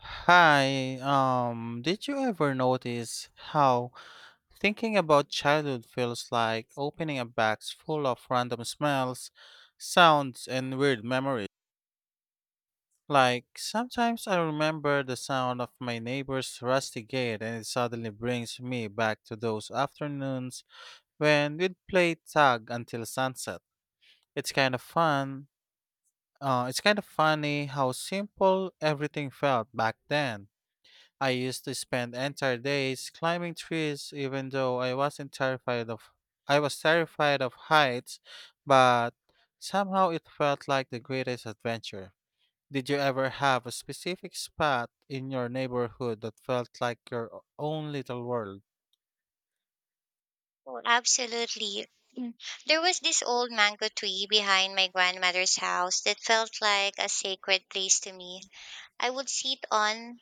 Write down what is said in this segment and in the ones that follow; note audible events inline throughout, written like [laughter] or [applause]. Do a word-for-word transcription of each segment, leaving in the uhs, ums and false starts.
Hi, um, did you ever notice how thinking about childhood feels like opening a box full of random smells, sounds, and weird memories? Like, sometimes I remember the sound of my neighbor's rusty gate, and it suddenly brings me back to those afternoons when we'd play tag until sunset. It's kind of fun. Uh, it's kind of funny how simple everything felt back then. I used to spend entire days climbing trees even though I wasn't terrified of I was terrified of heights, but somehow it felt like the greatest adventure. Did you ever have a specific spot in your neighborhood that felt like your o- own little world? Oh, absolutely. Mm. There was this old mango tree behind my grandmother's house that felt like a sacred place to me. I would sit on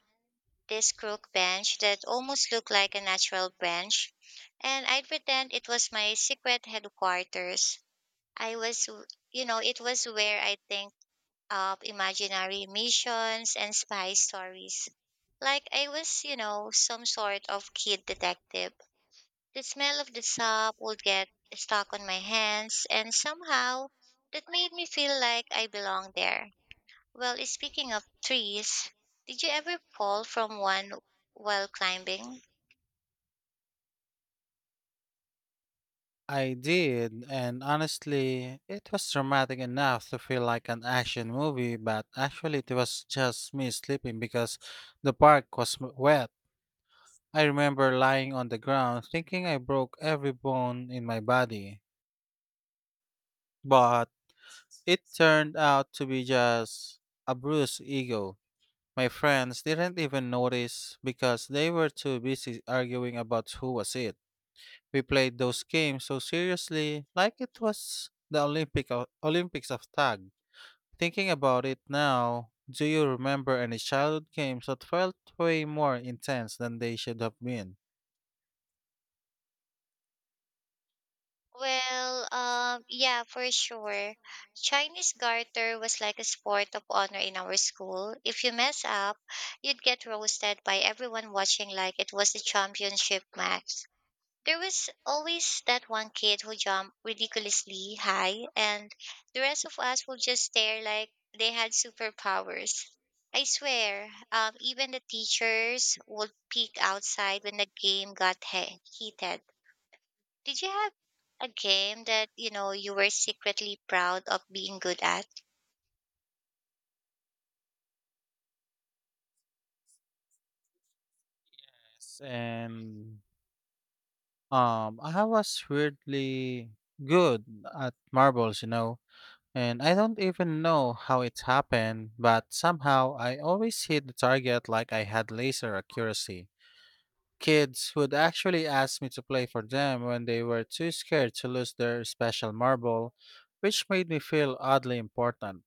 this crook bench that almost looked like a natural branch, and I'd pretend it was my secret headquarters. I was, w- you know, it was where I think up imaginary missions and spy stories. Like I was, you know, some sort of kid detective. The smell of the soap would get stuck on my hands, and somehow that made me feel like I belonged there. Well, speaking of trees, did you ever fall from one while climbing? I did, and honestly, it was dramatic enough to feel like an action movie, but actually, it was just me sleeping because the park was m- wet. I remember lying on the ground thinking I broke every bone in my body, but it turned out to be just a bruised ego. My friends didn't even notice because they were too busy arguing about who was it. We played those games so seriously, like it was the Olympic of, Olympics of tag. Thinking about it now, do you remember any childhood games that felt way more intense than they should have been? Well, um, yeah, for sure. Chinese garter was like a sport of honor in our school. If you mess up, you'd get roasted by everyone watching like it was a championship match. There was always that one kid who jumped ridiculously high, and the rest of us would just stare like they had superpowers. I swear, um, even the teachers would peek outside when the game got he- heated. Did you have a game that you know you were secretly proud of being good at? Yes. And Um, I was weirdly good at marbles, you know, and I don't even know how it happened, but somehow I always hit the target like I had laser accuracy. Kids would actually ask me to play for them when they were too scared to lose their special marble, which made me feel oddly important.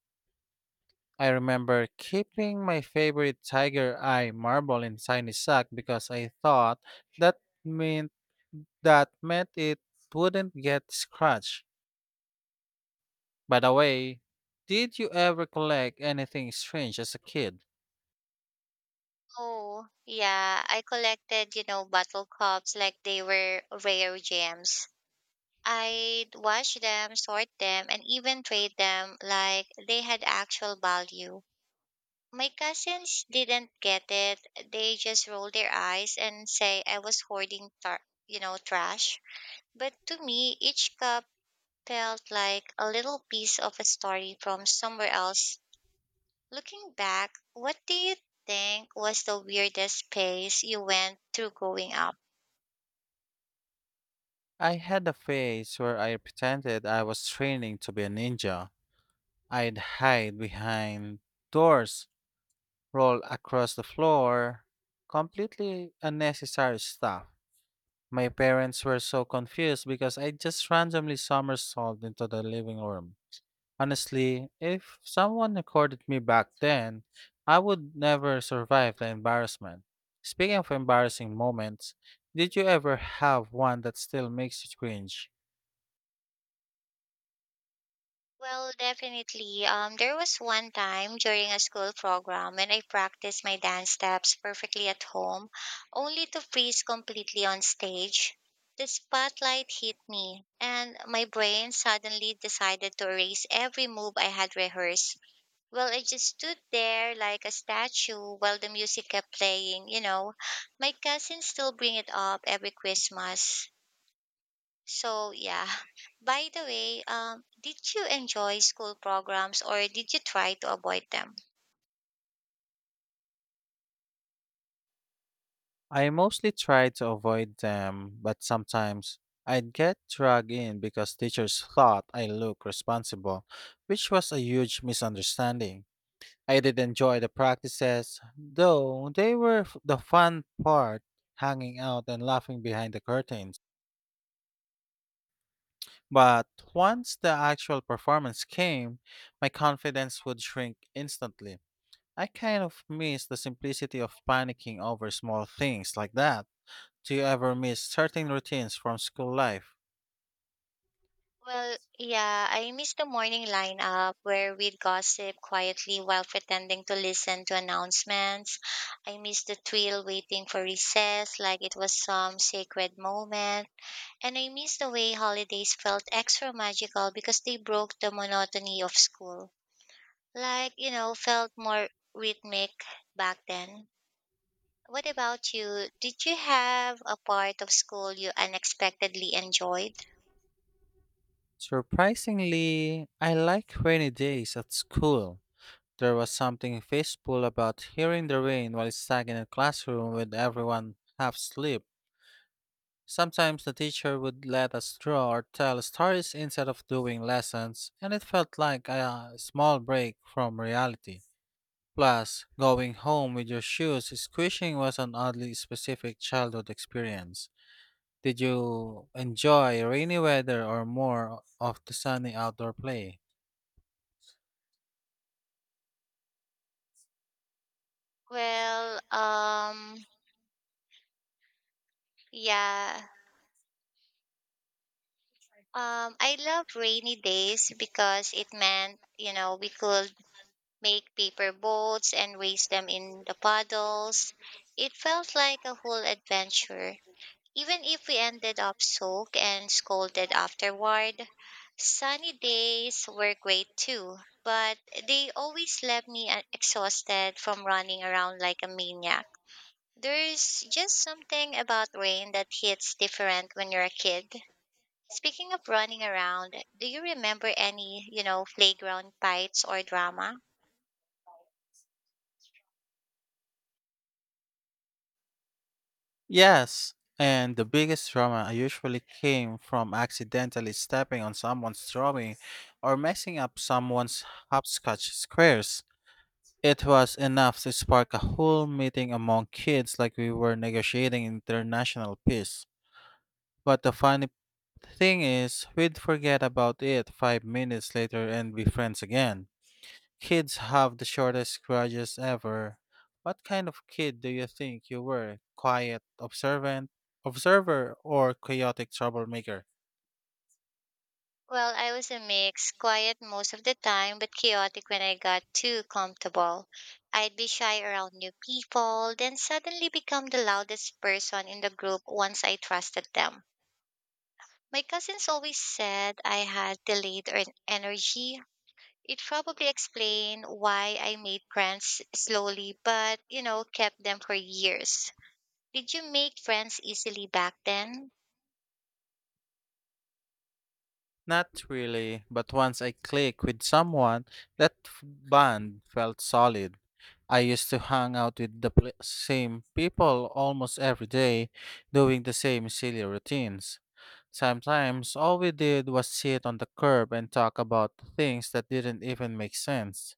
I remember keeping my favorite tiger eye marble in tiny sack because I thought that meant that meant it wouldn't get scratched. By the way, did you ever collect anything strange as a kid? Oh, yeah, I collected, you know bottle cups like they were rare gems. I'd wash them, sort them, and even trade them like they had actual value. My cousins didn't get it. They just rolled their eyes and say I was hoarding, tar- you know, trash. But to me, each cup felt like a little piece of a story from somewhere else. Looking back, what do you think was the weirdest phase you went through growing up? I had a phase where I pretended I was training to be a ninja. I'd hide behind doors, roll across the floor, completely unnecessary stuff. My parents were so confused because I just randomly somersaulted into the living room. Honestly, if someone recorded me back then, I would never survive the embarrassment. Speaking of embarrassing moments, did you ever have one that still makes you cringe? Well, definitely. Um, there was one time during a school program when I practiced my dance steps perfectly at home, only to freeze completely on stage. The spotlight hit me, and my brain suddenly decided to erase every move I had rehearsed. Well, I just stood there like a statue while the music kept playing, you know. My cousins still bring it up every Christmas. So yeah. [laughs] By the way, um, did you enjoy school programs or did you try to avoid them? I mostly try to avoid them, but sometimes I'd get dragged in because teachers thought I looked responsible, which was a huge misunderstanding. I did enjoy the practices, though they were f- the fun part, hanging out and laughing behind the curtain. But once the actual performance came, my confidence would shrink instantly. I kind of miss the simplicity of panicking over small things like that. Do you ever miss certain routines from school life? Well, yeah, I missed the morning lineup where we'd gossip quietly while pretending to listen to announcements. I missed the thrill waiting for recess like it was some sacred moment. And I missed the way holidays felt extra magical because they broke the monotony of school. Like, you know, felt more rhythmic back then. What about you? Did you have a part of school you unexpectedly enjoyed? Surprisingly, I like rainy days at school. There was something peaceful about hearing the rain while stuck in a classroom with everyone half asleep. Sometimes the teacher would let us draw or tell stories instead of doing lessons, and it felt like a small break from reality. Plus, going home with your shoes squishing was an oddly specific childhood experience. Did you enjoy rainy weather or more of the sunny outdoor play? Well, um, yeah. Um, I loved rainy days because it meant, you know, we could make paper boats and race them in the puddles. It felt like a whole adventure. Even if we ended up soaked and scolded afterward, sunny days were great too, but they always left me uh, exhausted from running around like a maniac. There's just something about rain that hits different when you're a kid. Speaking of running around, do you remember any, you know, playground fights or drama? Yes, and the biggest drama usually came from accidentally stepping on someone's drawing or messing up someone's hopscotch squares. It was enough to spark a whole meeting among kids like we were negotiating international peace. But the funny thing is, we'd forget about it five minutes later and be friends again. Kids have the shortest grudges ever. What kind of kid do you think you were? Quiet, observant, observer, or chaotic troublemaker? Well, I was a mix, quiet most of the time, but chaotic when I got too comfortable. I'd be shy around new people, then suddenly become the loudest person in the group once I trusted them. My cousins always said I had delayed en- energy. It probably explained why I made friends slowly, but you know, kept them for years. Did you make friends easily back then? Not really, but once I click with someone, that f- bond felt solid. I used to hang out with the pl- same people almost every day, doing the same silly routines. Sometimes all we did was sit on the curb and talk about things that didn't even make sense.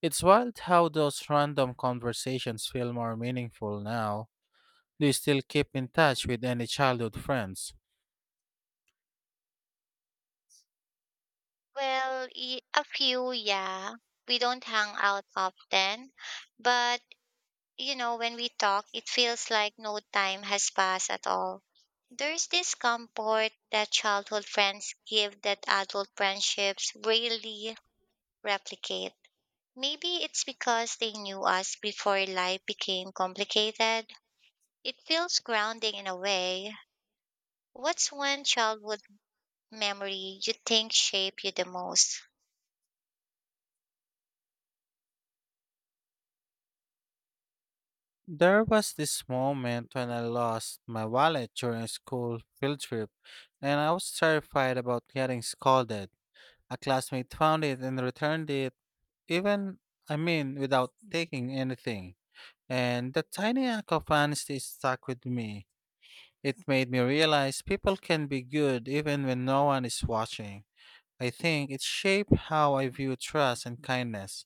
It's wild how those random conversations feel more meaningful now. Do you still keep in touch with any childhood friends? Well, y- a few, yeah. We don't hang out often, but you know, when we talk, it feels like no time has passed at all. There's this comfort that childhood friends give that adult friendships rarely replicate. Maybe it's because they knew us before life became complicated. It feels grounding in a way. What's one childhood memory you think shaped you the most? There was this moment when I lost my wallet during a school field trip, and I was terrified about getting scolded. A classmate found it and returned it, even, I mean, without taking anything. And that tiny act of honesty stuck with me. It made me realize people can be good even when no one is watching. I think it shaped how I view trust and kindness.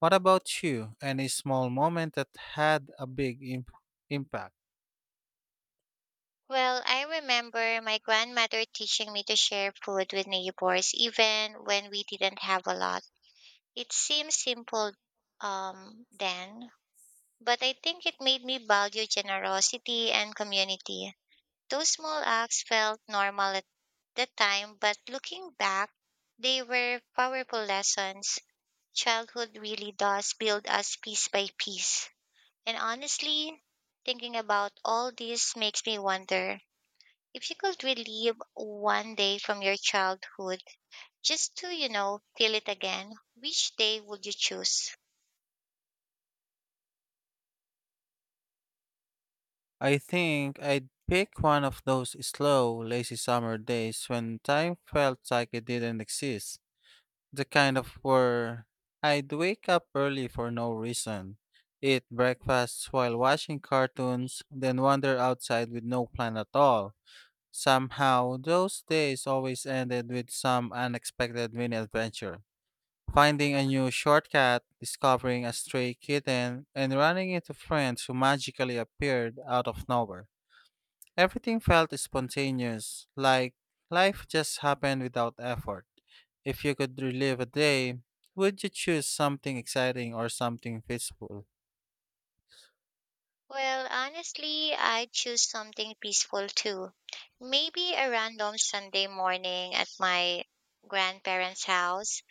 What about you? Any small moment that had a big imp- impact? Well, I remember my grandmother teaching me to share food with neighbors even when we didn't have a lot. It seemed simple um, then, but I think it made me value generosity and community. Those small acts felt normal at the time, but looking back, they were powerful lessons. Childhood really does build us piece by piece. And honestly, thinking about all this makes me wonder. If you could relive one day from your childhood just to, you know, feel it again, which day would you choose? I think I'd pick one of those slow, lazy summer days when time felt like it didn't exist. The kind of where I'd wake up early for no reason, eat breakfast while watching cartoons, then wander outside with no plan at all. Somehow, those days always ended with some unexpected mini adventure. Finding a new shortcut, discovering a stray kitten, and running into friends who magically appeared out of nowhere. Everything felt spontaneous, like life just happened without effort. If you could relive a day, would you choose something exciting or something peaceful? Well, honestly, I'd choose something peaceful too. Maybe a random Sunday morning at my grandparents' house.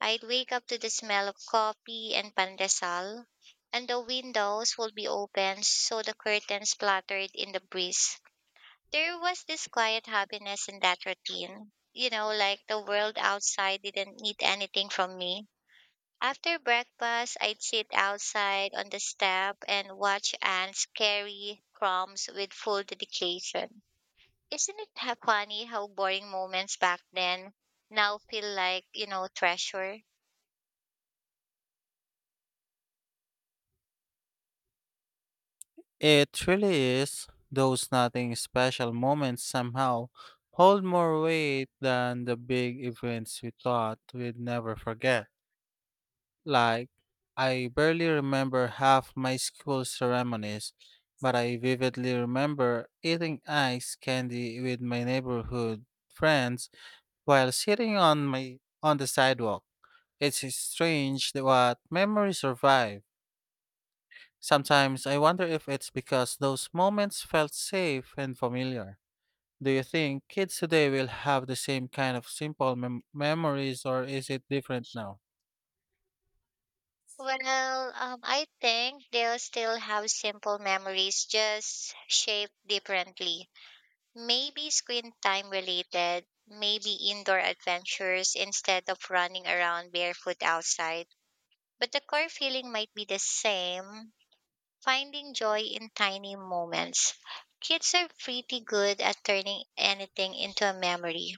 I'd wake up to the smell of coffee and pandesal, and the windows would be open so the curtains fluttered in the breeze. There was this quiet happiness in that routine. You know, like the world outside didn't need anything from me. After breakfast, I'd sit outside on the step and watch ants carry crumbs with full dedication. Isn't it ha- funny how boring moments back then now feel like, you know, treasure? It really is. Those nothing special moments somehow hold more weight than the big events we thought we'd never forget. Like, I barely remember half my school ceremonies, but I vividly remember eating ice candy with my neighborhood friends while sitting on my on the sidewalk. It's strange that what memories survive. Sometimes I wonder if it's because those moments felt safe and familiar. Do you think kids today will have the same kind of simple mem- memories or is it different now? Well, um, I think they'll still have simple memories, just shaped differently. Maybe screen time related, maybe indoor adventures instead of running around barefoot outside. But the core feeling might be the same, finding joy in tiny moments. Kids are pretty good at turning anything into a memory.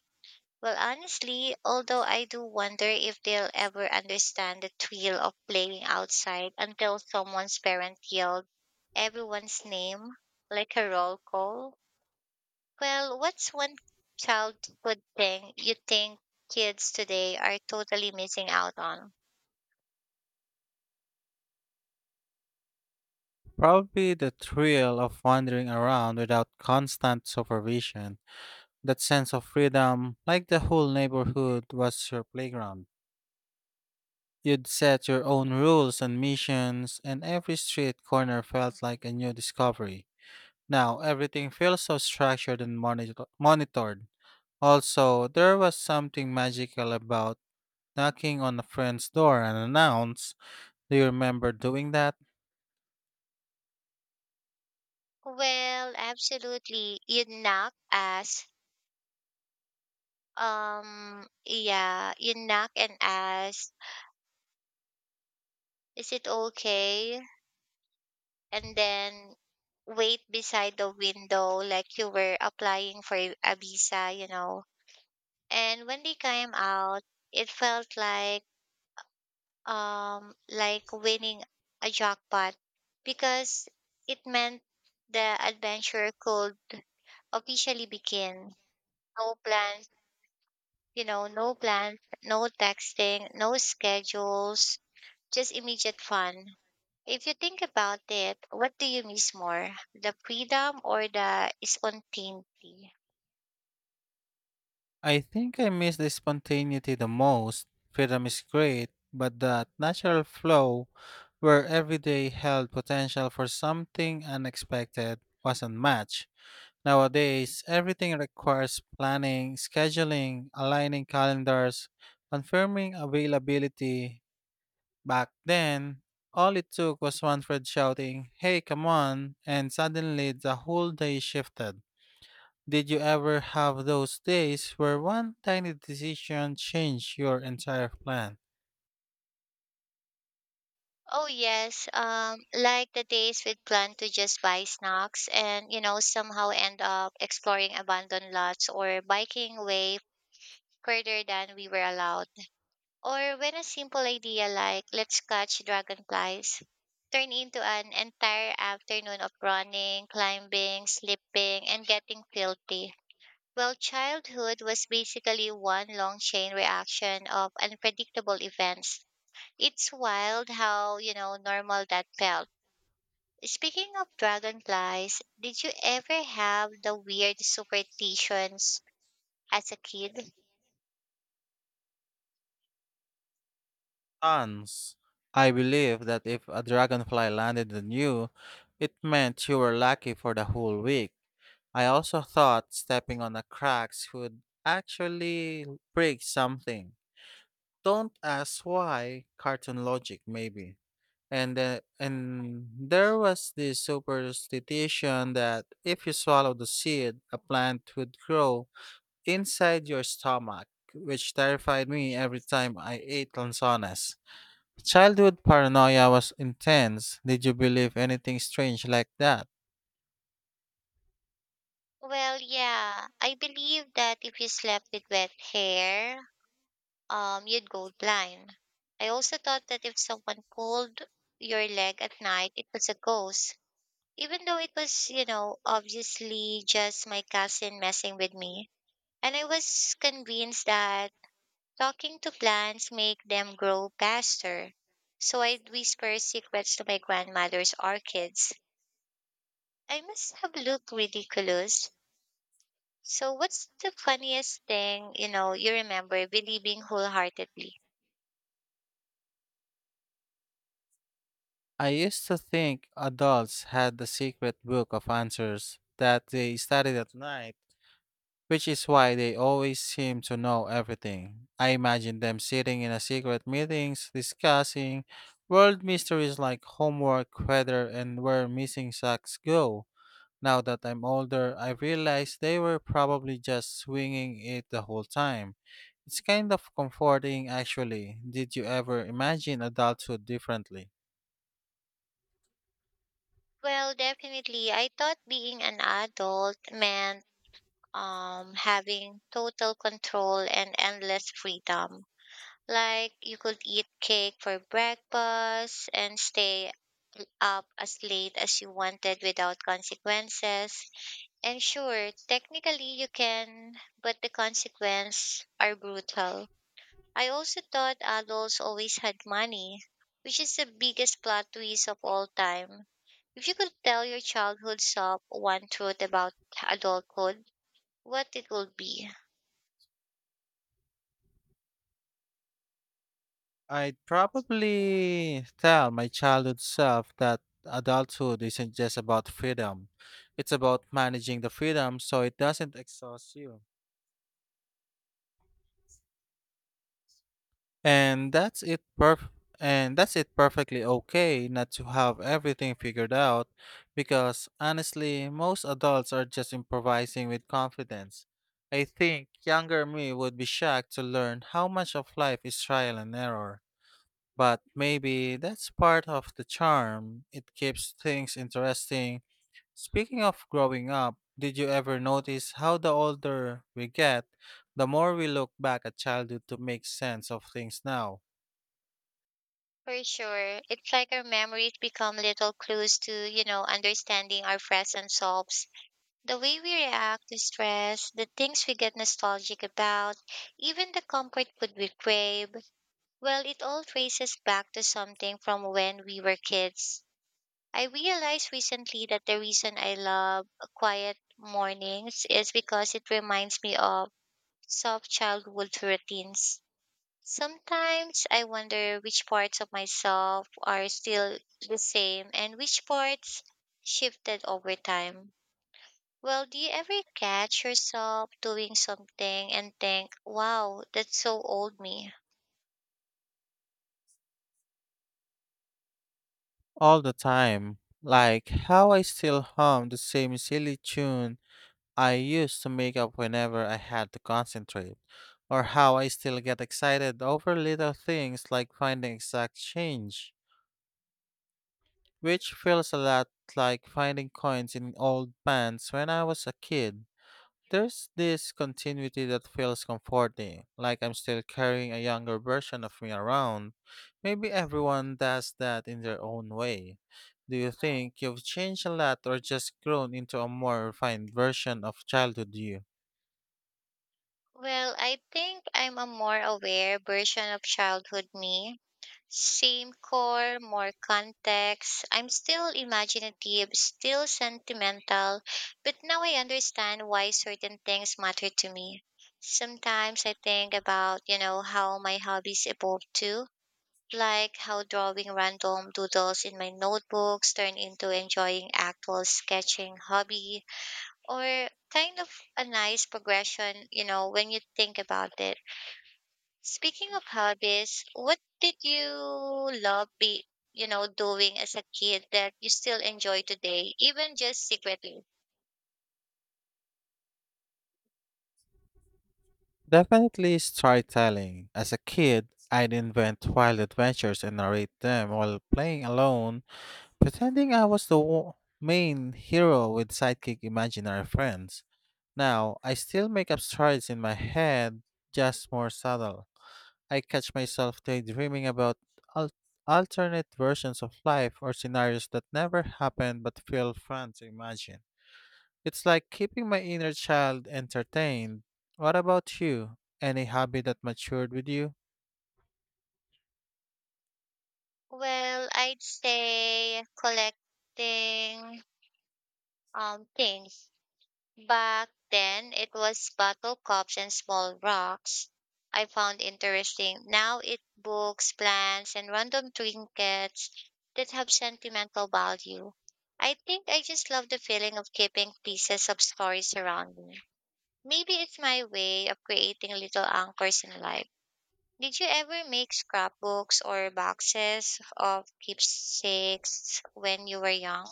Well, honestly, although I do wonder if they'll ever understand the thrill of playing outside until someone's parent yelled everyone's name like a roll call. Well, what's one childhood thing you think kids today are totally missing out on? Probably the thrill of wandering around without constant supervision. That sense of freedom, like the whole neighborhood was your playground. You'd set your own rules and missions, and every street corner felt like a new discovery. Now, everything feels so structured and monitor- monitored. Also, there was something magical about knocking on a friend's door and announce, do you remember doing that? Well, absolutely. You knock ass. Um, yeah, you knock and ask, is it okay? And then wait beside the window like you were applying for a visa, you know. And when they came out, it felt like um, like winning a jackpot because it meant the adventure could officially begin. No plans, you know, no plans, no texting, no schedules, just immediate fun. If you think about it, what do you miss more, the freedom or the spontaneity? I think I miss the spontaneity the most. Freedom is great, but that natural flow where every day held potential for something unexpected wasn't much. Nowadays, everything requires planning, scheduling, aligning calendars, confirming availability. Back then, all it took was one friend shouting, "Hey, come on!" And suddenly the whole day shifted. Did you ever have those days where one tiny decision changed your entire plan? Oh yes, um, like the days we'd plan to just buy snacks and you know somehow end up exploring abandoned lots or biking way further than we were allowed. Or when a simple idea like let's catch dragonflies turn into an entire afternoon of running, climbing, slipping, and getting filthy. Well, childhood was basically one long chain reaction of unpredictable events. It's wild how, you know, normal that felt. Speaking of dragonflies, did you ever have the weird superstitions as a kid? Tons. I believe that if a dragonfly landed on you, it meant you were lucky for the whole week. I also thought stepping on the cracks would actually break something. Don't ask why, cartoon logic maybe. And then, and there was this superstition that if you swallow the seed, a plant would grow inside your stomach, which terrified me every time I ate lanzones. Childhood paranoia was intense. Did you believe anything strange like that? Well, yeah, I believe that if you slept with wet hair, um, you'd go blind. I also thought that if someone pulled your leg at night, it was a ghost, even though it was, you know, obviously just my cousin messing with me. And I was convinced that talking to plants make them grow faster. So I'd whisper secrets to my grandmother's orchids. I must have looked ridiculous. So what's the funniest thing, you know, you remember believing wholeheartedly? I used to think adults had the secret book of answers that they studied at night, which is why they always seem to know everything. I imagine them sitting in a secret meetings discussing world mysteries like homework, weather, and where missing socks go. Now that I'm older, I realize they were probably just swinging it the whole time. It's kind of comforting, actually. Did you ever imagine adulthood differently? Well, definitely. I thought being an adult meant um having total control and endless freedom. Like you could eat cake for breakfast and stay up as late as you wanted without consequences. And sure, technically you can, but the consequences are brutal. I also thought adults always had money, which is the biggest plot twist of all time. If you could tell your childhood self one truth about adulthood, what it would be? I'd probably tell my childhood self that adulthood isn't just about freedom, it's about managing the freedom so it doesn't exhaust you. And that's it perf- and that's it perfectly okay not to have everything figured out because honestly most adults are just improvising with confidence. I think younger me would be shocked to learn how much of life is trial and error. But maybe that's part of the charm. It keeps things interesting. Speaking of growing up, did you ever notice how the older we get, the more we look back at childhood to make sense of things now? For sure. It's like our memories become little clues to, you know, understanding our present selves. The way we react to stress, the things we get nostalgic about, even the comfort food we crave, well, it all traces back to something from when we were kids. I realized recently that the reason I love quiet mornings is because it reminds me of soft childhood routines. Sometimes I wonder which parts of myself are still the same and which parts shifted over time. Well, do you ever catch yourself doing something and think, wow, that's so old me? All the time. Like how I still hum the same silly tune I used to make up whenever I had to concentrate, or how I still get excited over little things like finding exact change, which feels a lot like finding coins in old pants when I was a kid. There's this continuity that feels comforting, like I'm still carrying a younger version of me around. Maybe everyone does that in their own way. Do you think you've changed a lot or just grown into a more refined version of childhood you? Well, I think I'm a more aware version of childhood me. Same core, more context. I'm still imaginative, still sentimental, but now I understand why certain things matter to me. Sometimes I think about, you know, how my hobbies evolved too, like how drawing random doodles in my notebooks turned into enjoying actual sketching hobby or kind of a nice progression, you know, when you think about it. Speaking of hobbies, what did you love be, you know, doing as a kid that you still enjoy today, even just secretly? Definitely storytelling. As a kid, I'd invent wild adventures and narrate them while playing alone, pretending I was the wo- main hero with sidekick imaginary friends. Now, I still make up stories in my head, just more subtle. I catch myself daydreaming about al- alternate versions of life or scenarios that never happened but feel fun to imagine. It's like keeping my inner child entertained. What about you? Any hobby that matured with you? Well, I'd say collecting um things. Back then, it was bottle cups and small rocks. I found interesting. Now it books, plants, and random trinkets that have sentimental value. I think I just love the feeling of keeping pieces of stories around me. Maybe it's my way of creating little anchors in life. Did you ever make scrapbooks or boxes of keepsakes when you were young?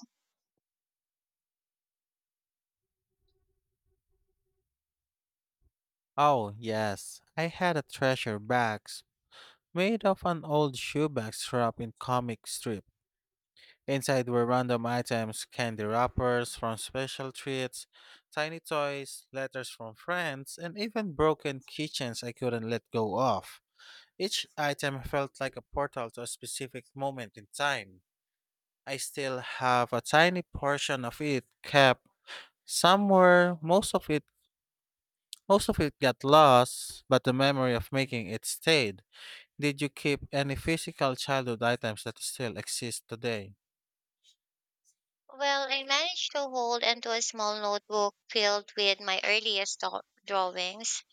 Oh, yes. I had a treasure box made of an old shoebox wrapped in comic strips. Inside were random items, candy wrappers from special treats, tiny toys, letters from friends, and even broken kitchens I couldn't let go of. Each item felt like a portal to a specific moment in time. I still have a tiny portion of it kept somewhere. Most of it most of it got lost, but the memory of making it stayed. Did you keep any physical childhood items that still exist today? Well, I managed to hold onto a small notebook filled with my earliest do- drawings.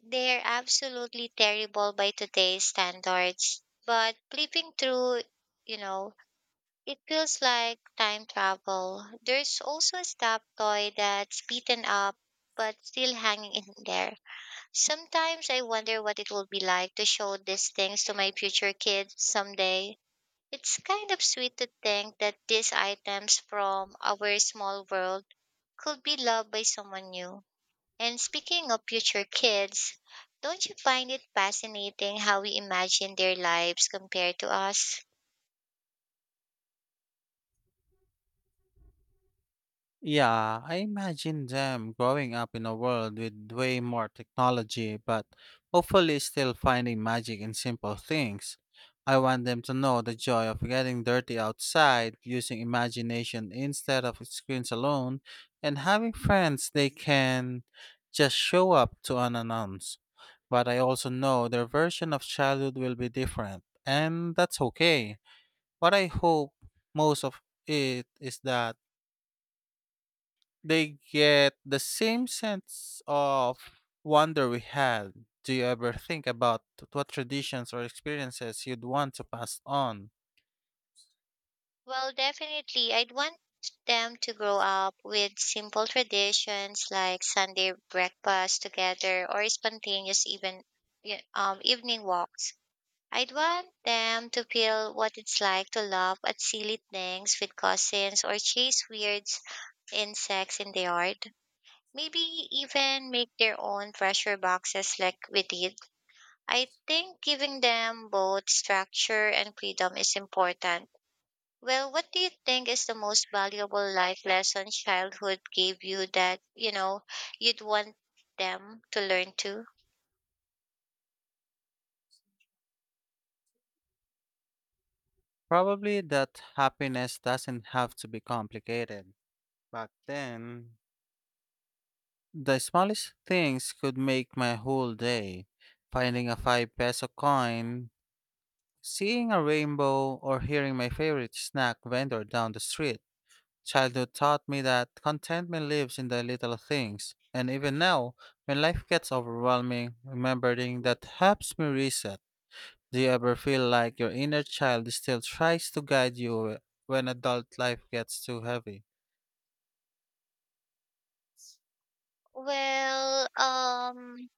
They're absolutely terrible by today's standards, but flipping through, you know, it feels like time travel. There's also a stuffed toy that's beaten up but still hanging in there. Sometimes I wonder what it will be like to show these things to my future kids someday. It's kind of sweet to think that these items from our small world could be loved by someone new. And speaking of future kids, don't you find it fascinating how we imagine their lives compared to us? Yeah, I imagine them growing up in a world with way more technology, but hopefully still finding magic in simple things. I want them to know the joy of getting dirty outside, using imagination instead of screens alone, and having friends they can just show up to unannounced. But I also know their version of childhood will be different, and that's okay. What I hope most of it is that they get the same sense of wonder we had. Do you ever think about what traditions or experiences you'd want to pass on? Well, definitely, I'd want them to grow up with simple traditions like Sunday breakfast together or spontaneous even yeah, um, evening walks. I'd want them to feel what it's like to laugh at silly things with cousins or chase weird insects in the yard. Maybe even make their own treasure boxes like we did. I think giving them both structure and freedom is important. Well, what do you think is the most valuable life lesson childhood gave you that, you know, you'd want them to learn too? Probably that happiness doesn't have to be complicated. Back then, the smallest things could make my whole day. Finding a five peso coin, seeing a rainbow, or hearing my favorite snack vendor down the street. Childhood taught me that contentment lives in the little things, and even now, when life gets overwhelming, remembering that helps me reset. Do you ever feel like your inner child still tries to guide you when adult life gets too heavy? Well, um,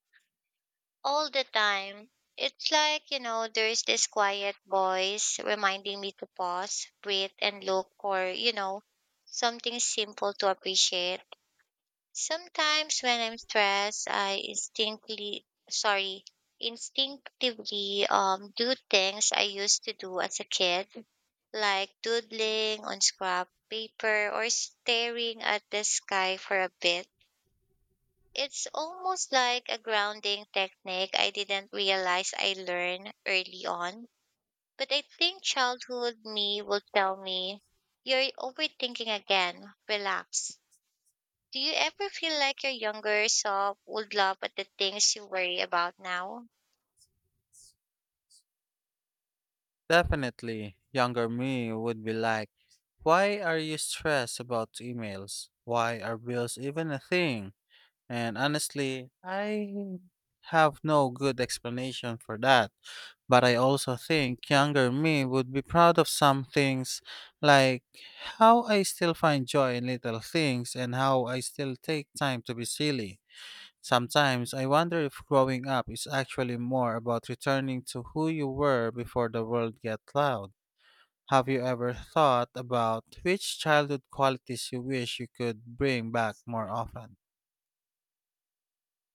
all the time. It's like, you know, there's this quiet voice reminding me to pause, breathe, and look for, you know, something simple to appreciate. Sometimes when I'm stressed, I instinctively, sorry, instinctively um, do things I used to do as a kid, like doodling on scrap paper or staring at the sky for a bit. It's almost like a grounding technique I didn't realize I learned early on. But I think childhood me will tell me, you're overthinking again. Relax. Do you ever feel like your younger self would laugh at the things you worry about now? Definitely, younger me would be like, "Why are you stressed about emails? Why are bills even a thing?" And honestly, I have no good explanation for that. But I also think younger me would be proud of some things, like how I still find joy in little things and how I still take time to be silly. Sometimes I wonder if growing up is actually more about returning to who you were before the world got loud. Have you ever thought about which childhood qualities you wish you could bring back more often?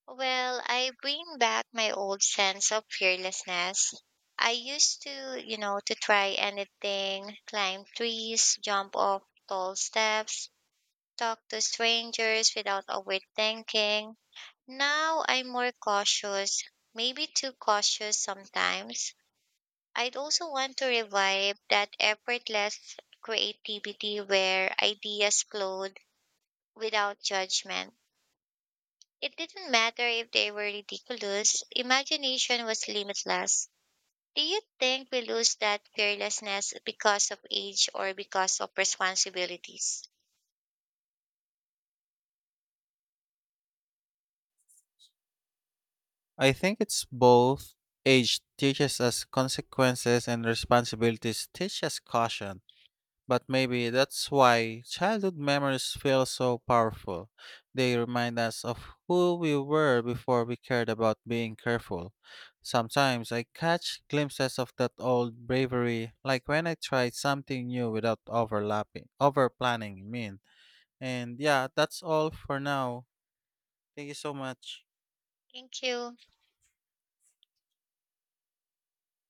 Well, I bring back my old sense of fearlessness. I used to, you know, to try anything, climb trees, jump off tall steps, talk to strangers without overthinking. Now I'm more cautious, maybe too cautious sometimes. I'd also want to revive that effortless creativity where ideas flowed without judgment. It didn't matter if they were ridiculous, imagination was limitless. Do you think we lose that fearlessness because of age or because of responsibilities? I think it's both. Age teaches us consequences and responsibilities teach us caution. But maybe that's why childhood memories feel so powerful. They remind us of who we were before we cared about being careful. Sometimes I catch glimpses of that old bravery, like when I tried something new without overlapping, over planning, I mean. And yeah, that's all for now. Thank you so much. Thank you.